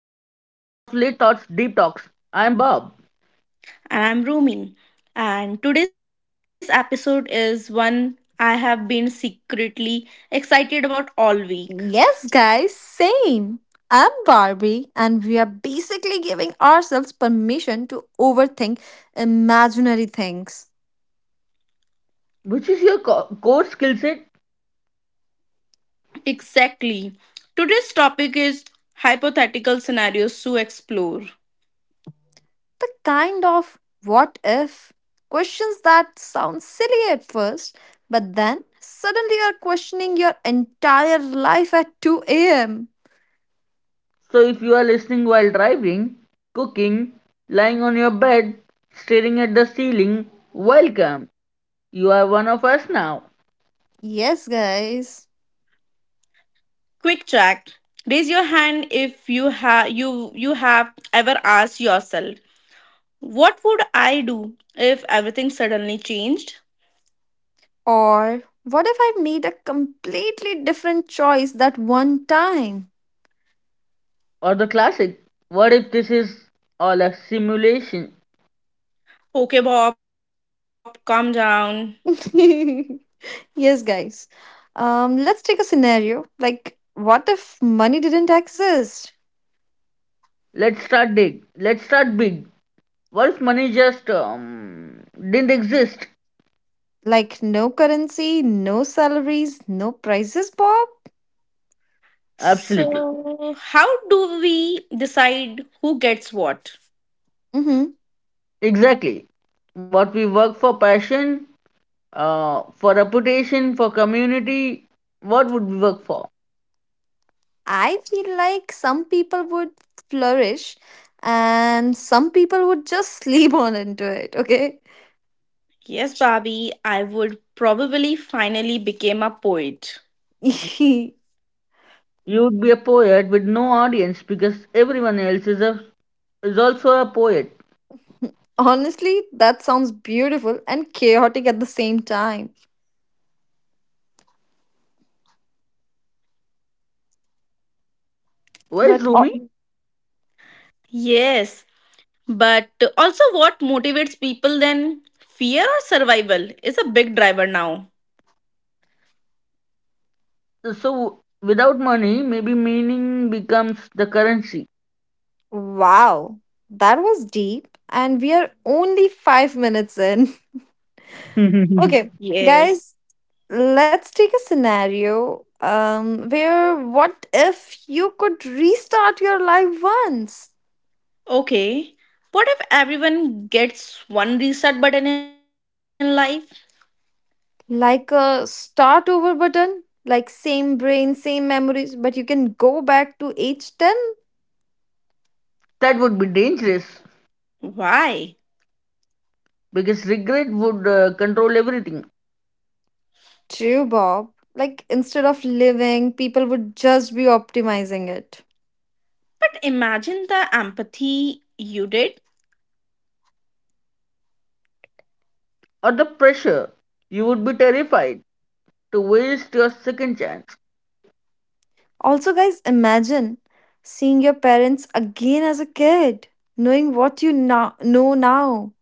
Late Thoughts Deep Talks. I am Bob, And I'm Rumi. And today's episode is one I have been secretly excited about all week. Yes, guys, same. I'm Barbie, and we are basically giving ourselves permission to overthink imaginary things. which is your core skill set. Exactly. Today's topic is hypothetical scenarios to explore. The kind of what if questions that sound silly at first, but then suddenly you're questioning your entire life at 2 a.m. So if you are listening while driving, cooking, lying on your bed, staring at the ceiling, welcome. You are one of us now. Yes, guys. Quick check. Raise your hand if you have ever asked yourself, what would I do if everything suddenly changed? Or what if I made a completely different choice that one time? Or the classic, what if this is all a simulation? Okay, Bob, calm down. Yes, guys. Let's take a scenario. Like, what if money didn't exist? Let's start big. Let's start big. What if money just didn't exist? Like, no currency, no salaries, no prices, Bob? Absolutely. So, how do we decide who gets what? Mm-hmm. Exactly. What we work for passion, for reputation, for community, what would we work for? I feel like some people would flourish and some people would just sleep on into it, okay? Yes, Bobby, I would probably finally become a poet. You would be a poet with no audience because everyone else is, a, is also a poet. Honestly, that sounds beautiful and chaotic at the same time. Where's But Rumi? oh, Yes, but also what motivates people then? Fear or survival is a big driver now. So, without money, maybe meaning becomes the currency. wow, that was deep, and we are only 5 minutes in. that Okay, Yes. guys, let's take a scenario where what if you could restart your life once? Okay. What if everyone gets one reset button in life? Like a start over button, like same brain, same memories, but you can go back to age 10? would be dangerous Why? because regret would control everything. True, Bob. Like instead of living, people would just be optimizing it. But imagine the empathy you did. Or the pressure. You would be terrified to waste your second chance. Also, guys, imagine seeing your parents again as a kid, knowing what you now know now.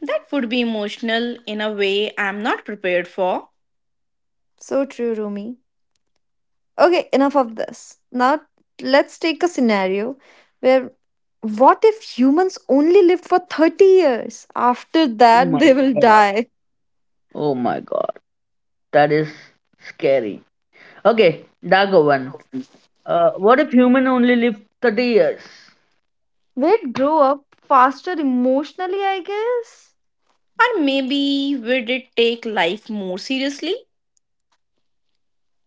That would be emotional in a way I'm not prepared for. So true, Rumi. Okay, enough of this. Now, let's take a scenario where what if humans only lived for 30 years? After Oh my that, they will god. die. Oh my god. That is scary. Okay, Dago one. What if human only live 30 years We'd grow up faster emotionally, I guess. Or maybe would it take life more seriously?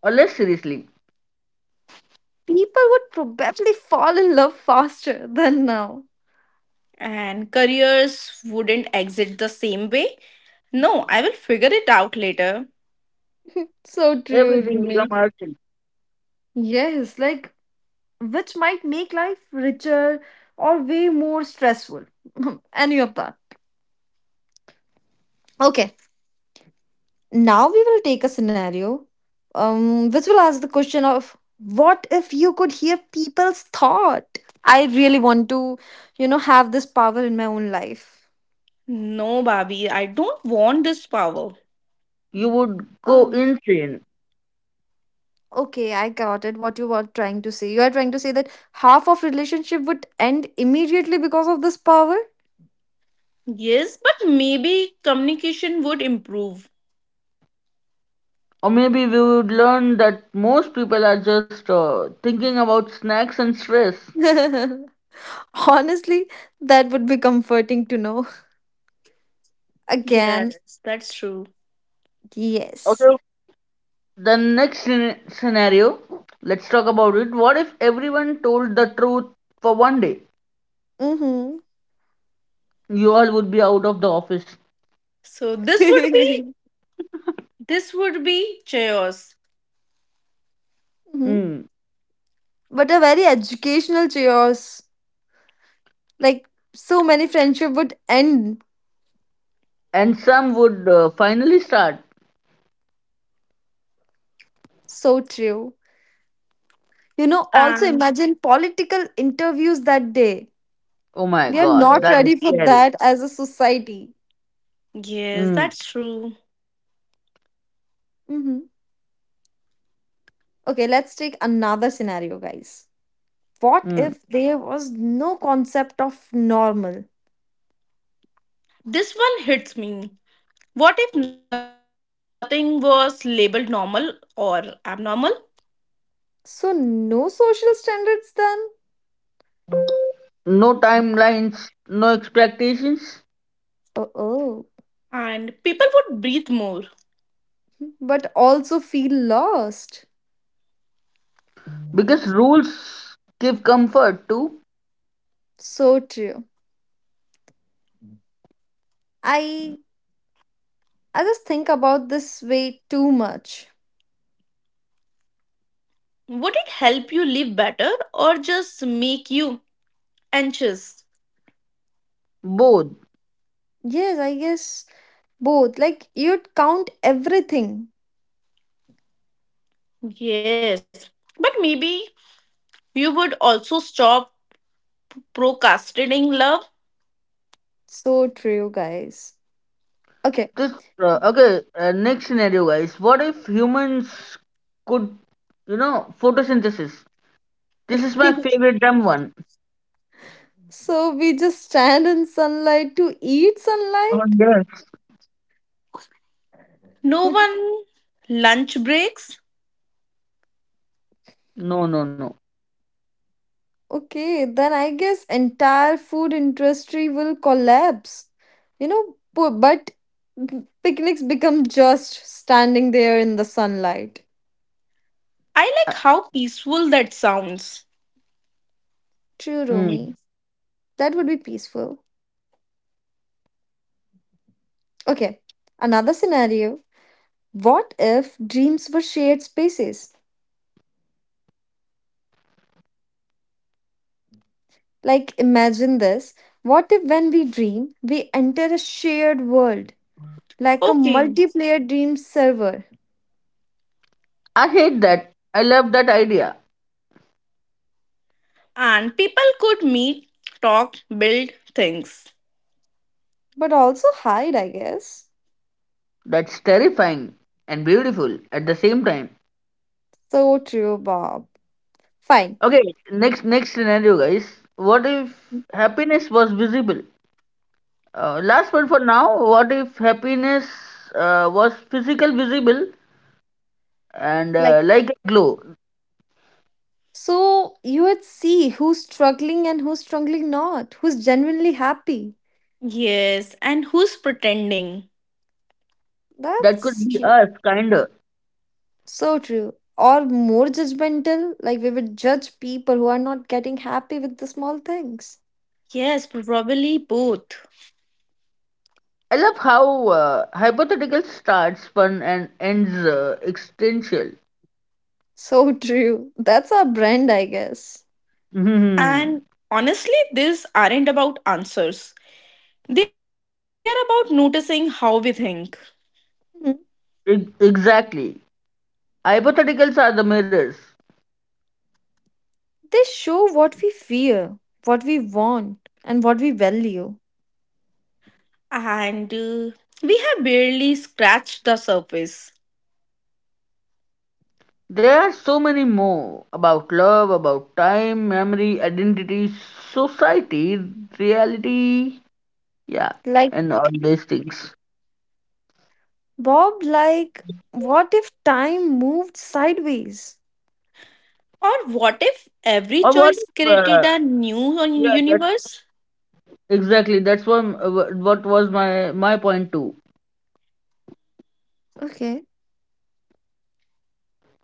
or less seriously? People would probably fall in love faster than now. And careers wouldn't exit the same way. No, I will figure it out later. So true, Everything become Rumi. artificial. Yes, like which might make life richer or way more stressful. Any of that. Okay, now we will take a scenario which will ask the question of what if you could hear people's thought? I really want to, have this power in my own life. No, Bobby, I don't want this power. You would go Oh, insane. okay, I got it. What you were trying to say. You are trying to say that half of relationship would end immediately because of this power? Yes, but maybe communication would improve. Or maybe we would learn that most people are just thinking about snacks and stress. Honestly, that would be comforting to know. Again, Yes, that's true. yes. Okay. The next scenario, let's talk about it. What if everyone told the truth for 1 day? Mm-hmm. You all would be out of the office. So this would be this would be chaos. hmm. Hmm. But a very educational chaos. Like so many friendship would end. And some would finally start. So true. You know, also And imagine political interviews that day. Oh my We are God, not that is ready for scary. that as a society. yes, Mm, that's true. Hmm. Okay, let's take another scenario, guys. What mm. if there was no concept of normal? This one hits me. What if nothing was labeled normal or abnormal So no social standards then. No timelines, no expectations, Uh oh. and people would breathe more? But also feel lost. because rules give comfort to So true. I i just think about this way too much. Would it help you live better or just make you anxious? both. Yes, I guess. Both, like you'd count everything. Yes, but maybe you would also stop procrastinating love. So true, guys. Okay. This okay. Next scenario, guys. What if humans could, you know, photosynthesis? This is my favorite dumb one. so we just stand in sunlight to eat Oh sunlight? yes. No one lunch breaks. No, no, no. Okay, then I guess entire food industry will collapse. You know, but picnics become just standing there in the sunlight. I Uh, like how peaceful that sounds. True, mm. Romy. That would be peaceful. Okay, another scenario. What if dreams were shared spaces? Like, imagine this. What if when we dream, we enter a shared world, like a Okay. multiplayer dream server, I hate that. I love that idea. And people could meet, talk, build things. but also hide, I guess. That's terrifying and beautiful at the same time. So true, Bob. Fine. Okay, next scenario, guys. What if happiness was visible? Last one for now. What if happiness was physical visible and Like, like a glow so you would see who's struggling and who's struggling not, who's genuinely happy. Yes, and who's pretending? that could That's be true. us, kinda. So true. Or more judgmental, like we would judge people who are not getting happy with the small things. Yes, probably both. I love how hypothetical starts fun and ends existential. So true. That's our brand, I guess. hmm And honestly, these aren't about answers. They are about noticing how we think. Hmm. Exactly. Hypotheticals are the mirrors. They show what we fear, what we want, and what we value. And we have barely scratched the surface. There are so many more about love, about time, memory, identity, society, reality, yeah, Like, and all these things. Bob, like, what if time moved sideways? Or what if every Or what? choice If, created a new yeah, that's universe? Exactly. That's what was my point too. Okay,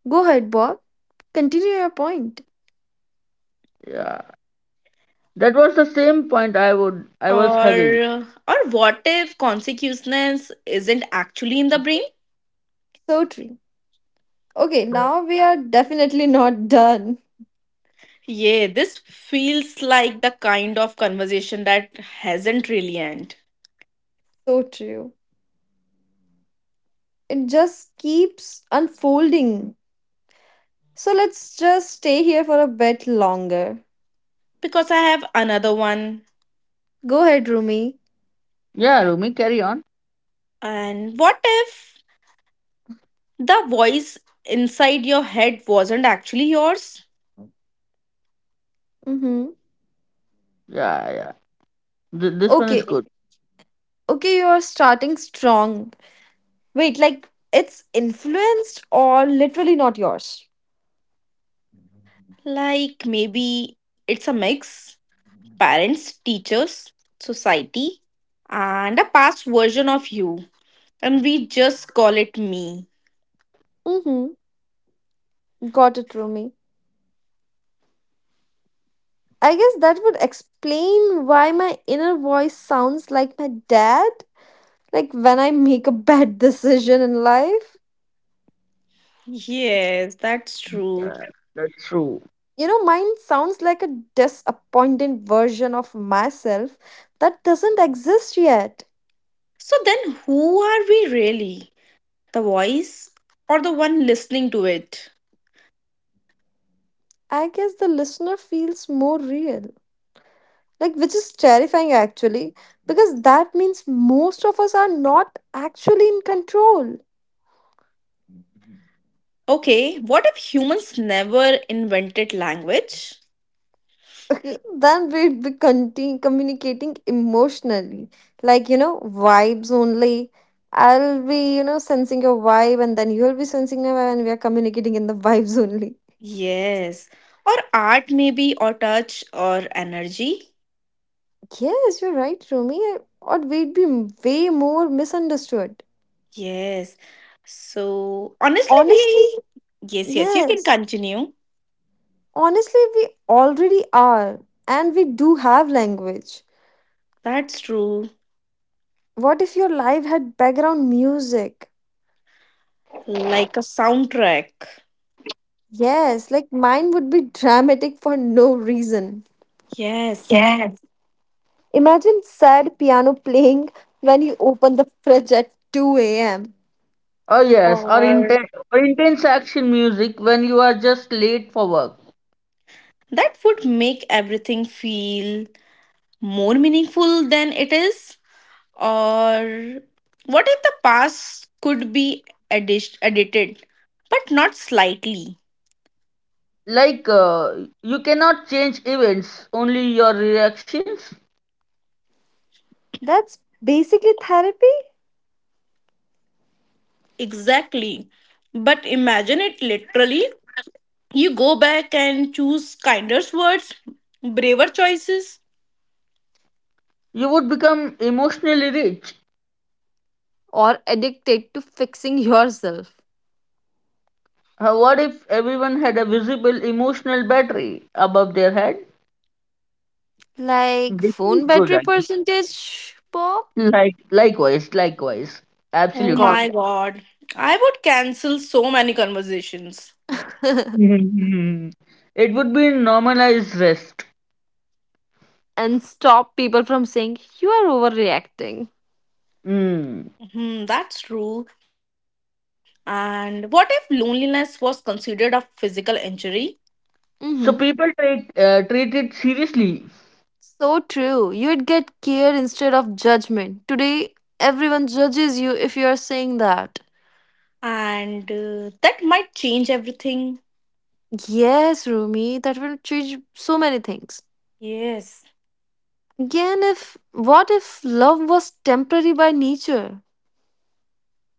go ahead, Bob. Continue your point. Yeah, that was the same point I was Or having. or what if consequences isn't actually in the brain? So true. Okay, now we are definitely not done. Yeah, this feels like the kind of conversation that hasn't really end. So true. It just keeps unfolding. So let's just stay here for a bit longer. Because I have another one. Go ahead, Rumi. Yeah, Rumi, carry on. And what if the voice inside your head wasn't actually yours? Mm-hmm. Yeah, yeah. This one is Okay, good. okay, you are starting strong. Wait, like it's influenced or literally not yours? Like maybe it's a mix parents, teachers, society, and a past version of you. And we just call it me. Mm-hmm. Got it, Rumi. I guess that would explain why my inner voice sounds like my dad. Like when I make a bad decision in life. Yes, that's true. Yeah, that's true. You know, mine sounds like a disappointed version of myself that doesn't exist yet. So then who are we really? The voice or the one listening to it? I guess the listener feels more real. Like, which is terrifying actually, because that means most of us are not actually in control. Okay, what if humans never invented language? Then we'd be communicating emotionally, like, you know, vibes only. I'll be, you know, sensing your vibe and then you'll be sensing my vibe and we are communicating in the vibes only. Yes, or art, maybe, or touch, or energy? Yes, you're right, Rumi. Or we'd be way more misunderstood. Yes. So honestly, Honestly, we yes, yes, you can yes, continue. honestly, we already are, and we do have language. That's true. What if your life had background music? Like a soundtrack. Yes, like mine would be dramatic for no reason. Yes. Imagine sad piano playing when you open the fridge at 2 a.m. Oh yes, or Or intense action music when you are just late for work. that would make everything feel more meaningful than it is. Or what if the past could be edited, but not slightly? Like, you cannot change events, only your reactions. That's basically therapy. Exactly. But imagine it literally. You go back and choose kinder words, braver choices, You would become emotionally rich. Or addicted to fixing yourself. What if everyone had a visible emotional battery above their head? Like This is phone good battery idea. percentage pop Like, likewise. Oh gone. Absolutely. my God. I would cancel so many conversations. Mhm. It would be normalized rest. and stop people from saying you are overreacting. Mm. Hmm, that's true. And what if loneliness was considered a physical injury? So Hmm. people take treat it seriously. So true. You'd get care instead of judgment. Today, everyone judges you if you are saying that. And that might change everything. Yes, Rumi, that will change so many things. Yes. Again, if what if love was temporary by nature?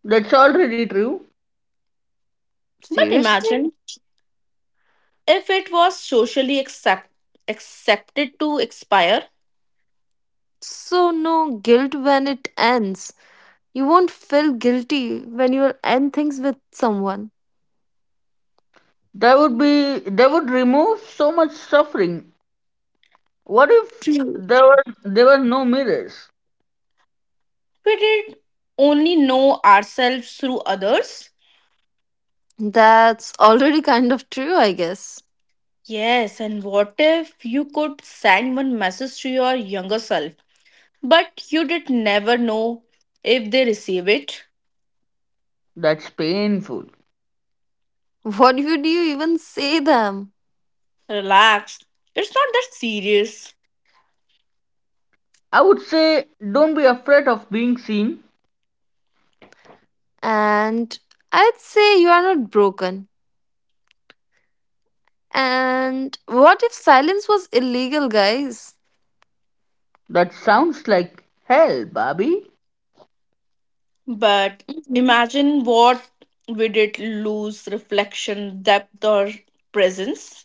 That's already true. But Seriously? imagine if it was socially accepted to expire, So, no guilt when it ends. You won't feel guilty when you end things with someone. That would be that would remove so much suffering. What if True. there were there were no mirrors? we did only know ourselves through others. That's already kind of true, I guess. Yes, and what if you could send one message to your younger self? But you did never know if they receive it. That's painful. What would you even say them? Relax, it's not that serious. I would say don't be afraid of being seen. And I'd say you are not broken. And what if silence was illegal, guys? That sounds like hell, Bobby. But Mhm. imagine what we did lose reflection, depth, or presence.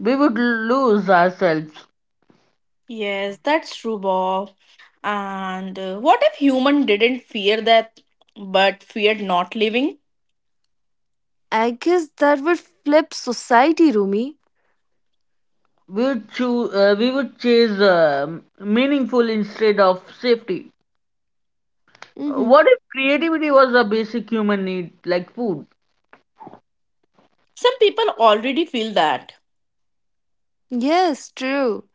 We would lose ourselves. Yes, that's true, Bob. And what if human didn't fear that, but feared not living? I guess that would flip society, Rumi. We would chase meaningful instead of safety. Mhm. What if creativity was a basic human need like food? Some people already feel that. Yes, true.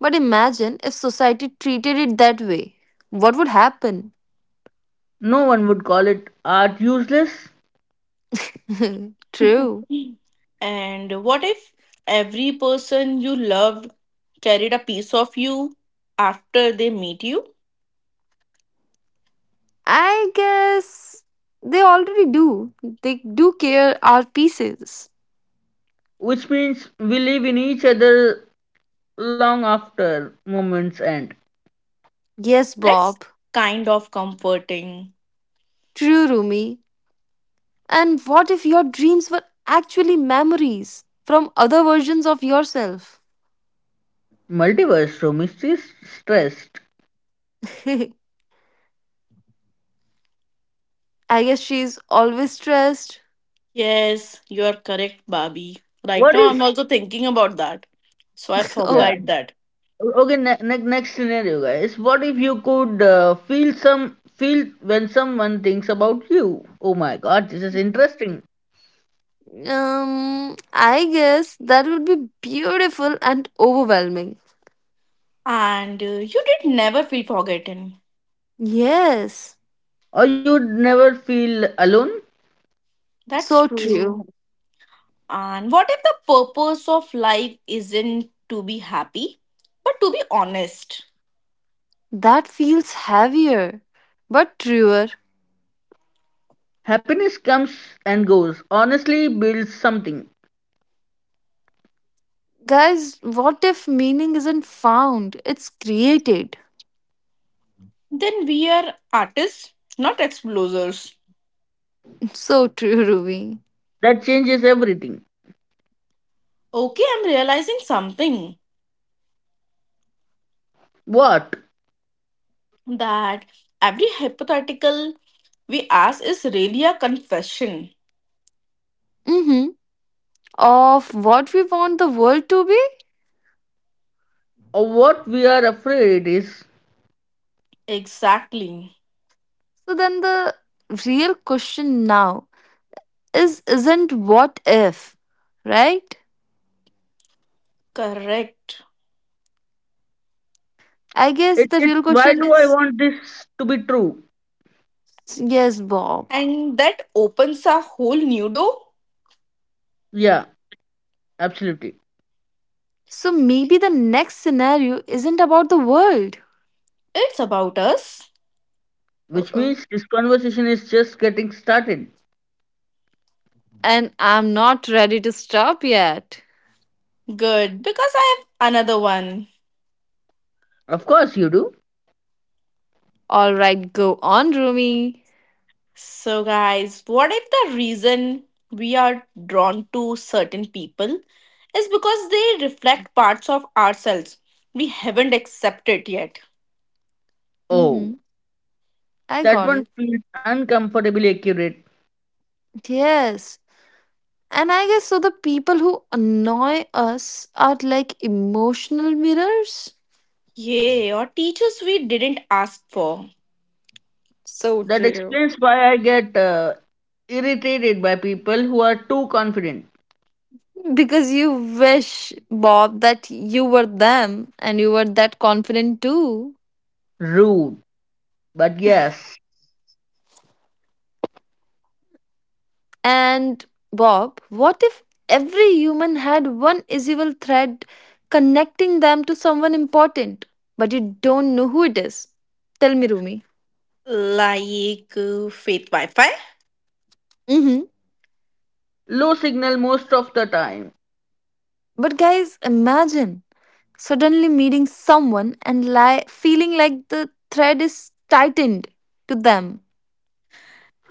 But imagine if society treated it that way. What would happen? No one would call it art useless, true. And what if every person you loved carried a piece of you after they meet you. I guess they already do. They do care our pieces. which means we live in each other long after moments end. Yes, That's Bob. kind of comforting. True, Rumi. And what if your dreams were actually memories from other versions of yourself? Multiverse room is just stressed. I guess she's always stressed. Yes, you are correct, Bobby. Right What now, I'm if also thinking about that. So I Yeah. oh, forgot that. Okay. Next scenario, guys. What if you could feel some feel when someone thinks about you? Oh my God, this is interesting. I guess that would be beautiful and overwhelming. And you did never feel forgotten. Yes, Or you'd never feel alone. That's so true. true. And what if the purpose of life isn't to be happy, but to be honest? That feels heavier, but truer. Happiness comes and goes. Honestly, builds something Guys, what if meaning isn't found? It's created. Then we are artists, not explorers. So true, Ruby. that changes everything. Okay, I'm realizing something. What That every hypothetical we ask is really a confession. Mm-hmm. Of what we want the world to be? or what we are afraid is Exactly. So then the real question now is isn't what if, right? Correct. I guess it. the It. real Why question do I is want this to be true? yes, Bob. And that opens a whole new door. Yeah. Absolutely. So maybe the next scenario isn't about the world. It's about us. Which Oh. means this conversation is just getting started. And I'm not ready to stop yet. Good, because I have another one. Of course you do. All right, go on, Rumi. So, guys, what if the reason we are drawn to certain people is because they reflect parts of ourselves we haven't accepted yet? Oh, Mm-hmm. I that got one it. feels uncomfortably accurate. Yes. And I guess so the people who annoy us are like emotional mirrors. Yay, or teachers we didn't ask for. So That true. explains why I get irritated by people who are too confident, Because you wish, Bob, that you were them and you were that confident too. rude, but yes, And Bob, what if every human had one invisible thread connecting them to someone important, but you don't know who it is? Tell me, Rumi. Like faith Wi Fi. Mm-hmm. low signal most of the time. But guys, imagine suddenly meeting someone and feeling like the thread is tightened to them.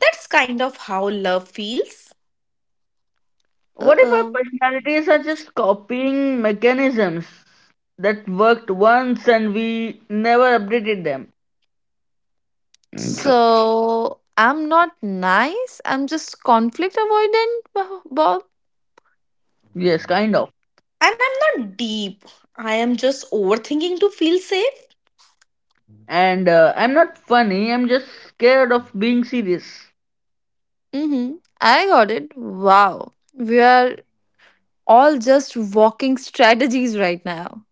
That's kind of how love feels. Uh What if our oh. personalities are just copying mechanisms that worked once and we never updated them? So I'm not nice. I'm just conflict avoidant, Bob. Yes, kind of. And I'm not deep, I am just overthinking to feel safe. And I'm not funny, I'm just scared of being serious. Mm-hmm. I got it. Wow. We are all just walking strategies right now.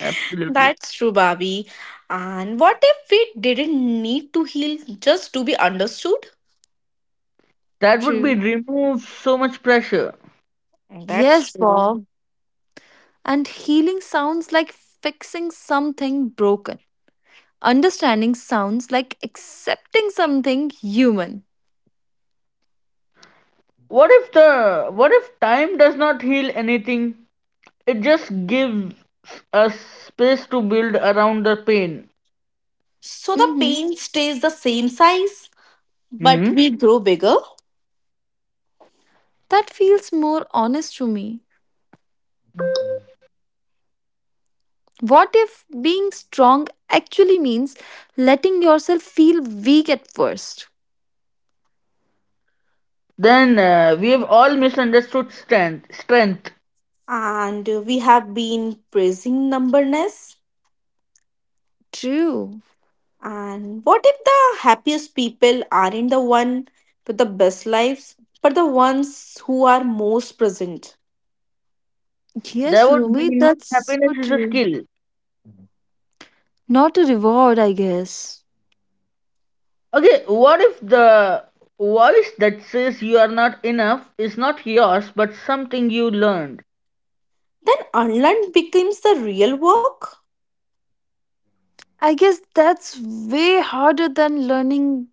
Absolutely. That's true, Bobby. And what if we didn't need to heal just to be understood? That would be True. remove so much pressure. That's Yes, Bob. true. And healing sounds like fixing something broken. Understanding sounds like accepting something human. What if time does not heal anything? It just gives us space to build around the pain. So the Hmm. pain stays the same size, but Hmm? we grow bigger. That feels more honest to me. What if being strong actually means letting yourself feel weak at first? Then we have all misunderstood strength. And we have been praising numberness. True. And what if the happiest people aren't the one with the best lives, but the ones who are most present? Yes, That would Rumi, mean that's happiness so is a true. skill. Not a reward, I guess. Okay, what if the voice that says you are not enough is not yours but something you learned? Then unlearn becomes the real work. I guess that's way harder than learning,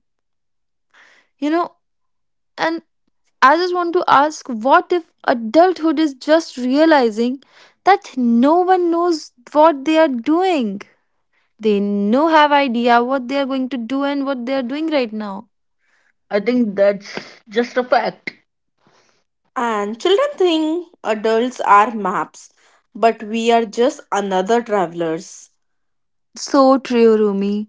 you know. And I just want to ask what if adulthood is just realizing that no one knows what they are doing? They no have idea what they are going to do and what they are doing right now. I think that's just a fact. And children think adults are maps, but we are just another travelers. So true, Rumi.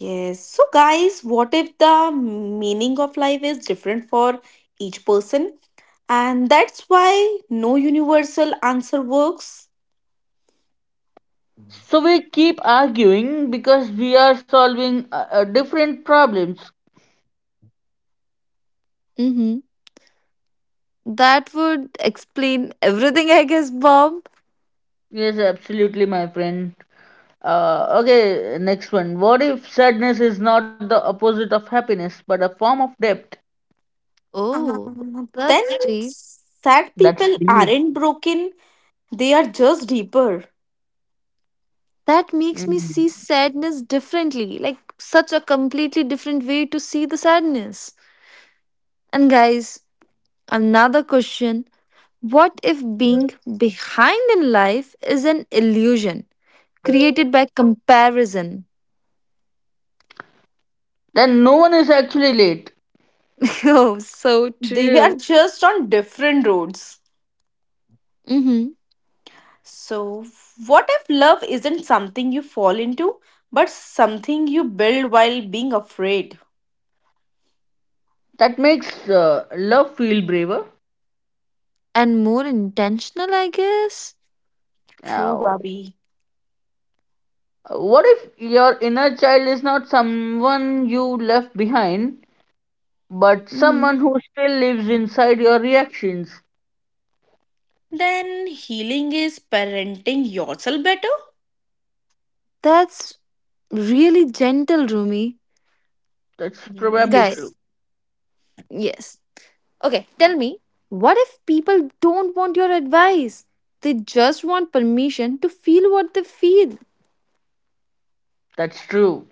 Yes. So guys, what if the meaning of life is different for each person? And that's why no universal answer works. So we keep arguing because we are solving different problems. Mhm. That would explain everything, I guess, Bob. Yes, absolutely, my friend. Okay, next one. What if sadness is not the opposite of happiness but a form of depth? Oh, Um, that's then strange. sad That's people deep. aren't broken, they are just deeper. That makes me see Mhm. sadness differently, like such a completely different way to see the sadness. And, guys, another question. What if being behind in life is an illusion created by comparison? Then no one is actually late. oh, so They are true. just on different roads. Mm-hmm. So, what if love isn't something you fall into, but something you build while being afraid? That makes love feel braver. And more intentional, I guess. True, Now, Bobby. what if your inner child is not someone you left behind, but Mm-hmm. someone who still lives inside your reactions. Then healing is parenting yourself better? That's really gentle, Rumi. That's probably Guy, true. Yes. yes. Okay, tell me, what if people don't want your advice? They just want permission to feel what they feel. That's true.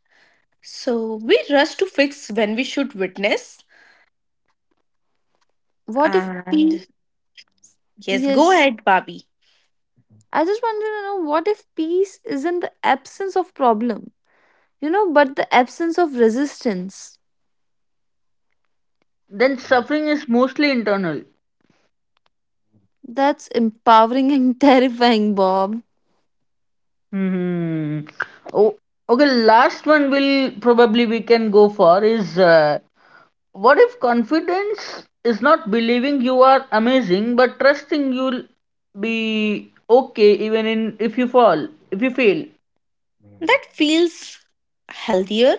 So, we rush to fix when we should witness. What if And peace? yes, go Yes. ahead, Bobby. I just wanted to know what if peace isn't the absence of problem, you know, but the absence of resistance? Then suffering is mostly internal. That's empowering and terrifying, Bob. Hmm. Oh, okay. Last one will probably we can go for is what if confidence is not believing you are amazing, but trusting you'll be okay even in if you fall, if you fail. That feels healthier.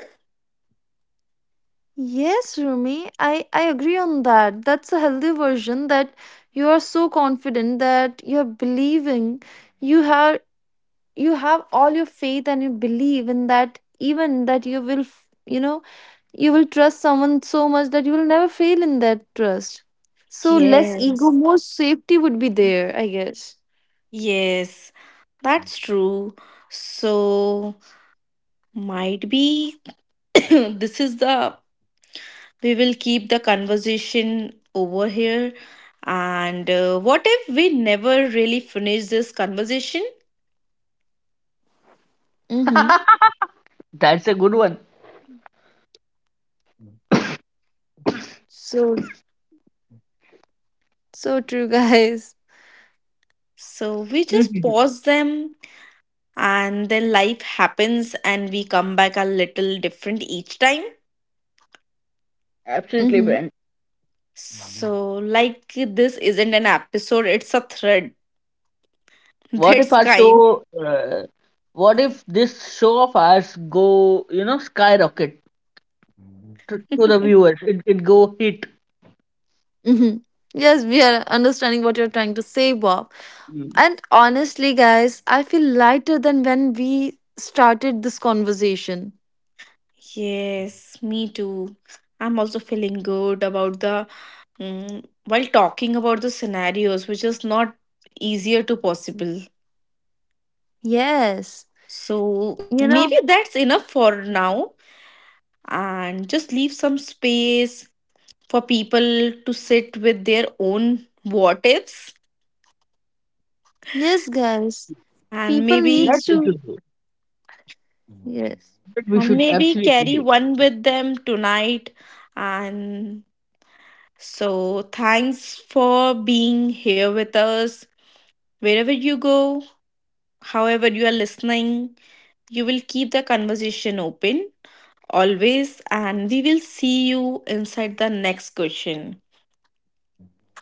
Yes, Rumi, I agree on that. That's a healthy version that you are so confident that you're believing you have you have all your faith and you believe in that even that you will you know, you will trust someone so much that you will never fail in that trust. So less ego, Yes. more safety would be there, I guess. Yes, that's true. So, might be this is the we will keep the conversation over here. And what if we never really finish this conversation? Mm-hmm. That's a good one. So, so true, guys. So, we just pause them and then life happens and we come back a little different each time. Absolutely, Mm-hmm. friend. So, like, this isn't an episode, it's a thread. What if That's our kind. show, uh, what if this show of ours go, you know, skyrocket to the viewers? It go hit. Mm-hmm. Yes, we are understanding what you're trying to say, Bob. Mm. And honestly, guys, I feel lighter than when we started this conversation. Yes, me too. I'm also feeling good about the while talking about the scenarios, which is not easier to possible. Yes, So you know, maybe that's enough for now, and just leave some space for people to sit with their own what ifs, yes, guys, and people That maybe needs we to. should do. Yes. That we and should maybe absolutely carry do. one with them tonight, and so, thanks for being here with us. Wherever you go, however, you are listening, you will keep the conversation open always, and we will see you inside the next question.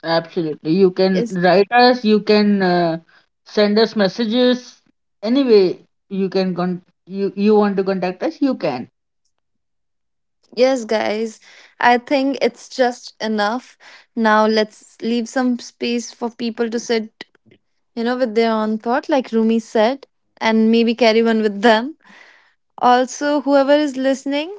Absolutely. You can Yes. write us, you can send us messages. Anyway, you can you, you want to contact us, you can. Yes, guys. I think it's just enough. Now let's leave some space for people to sit, you know, with their own thought, like Rumi said, and maybe carry one with them. Also, whoever is listening,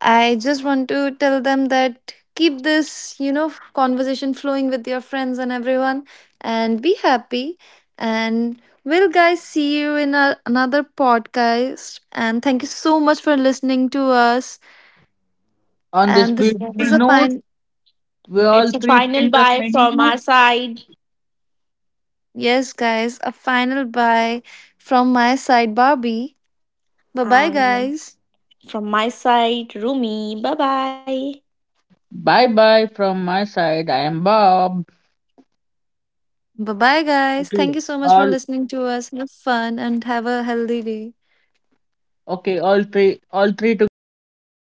I just want to tell them that keep this, you know, conversation flowing with your friends and everyone and be happy. And we'll, guys, see you in another podcast. And thank you so much for listening to us. On this And this is a beautiful Yeah. fine, note, we all It's a three final friends are bye signing from off. our side yes, guys, a final bye from my side, Barbie. Bye bye, and guys. from my side, Rumi. Bye bye. Bye bye from my side. I am Bob. Bye bye, guys. Thank Okay. you so much for All listening to us. Have fun and have a healthy day. Okay, all three together on the count.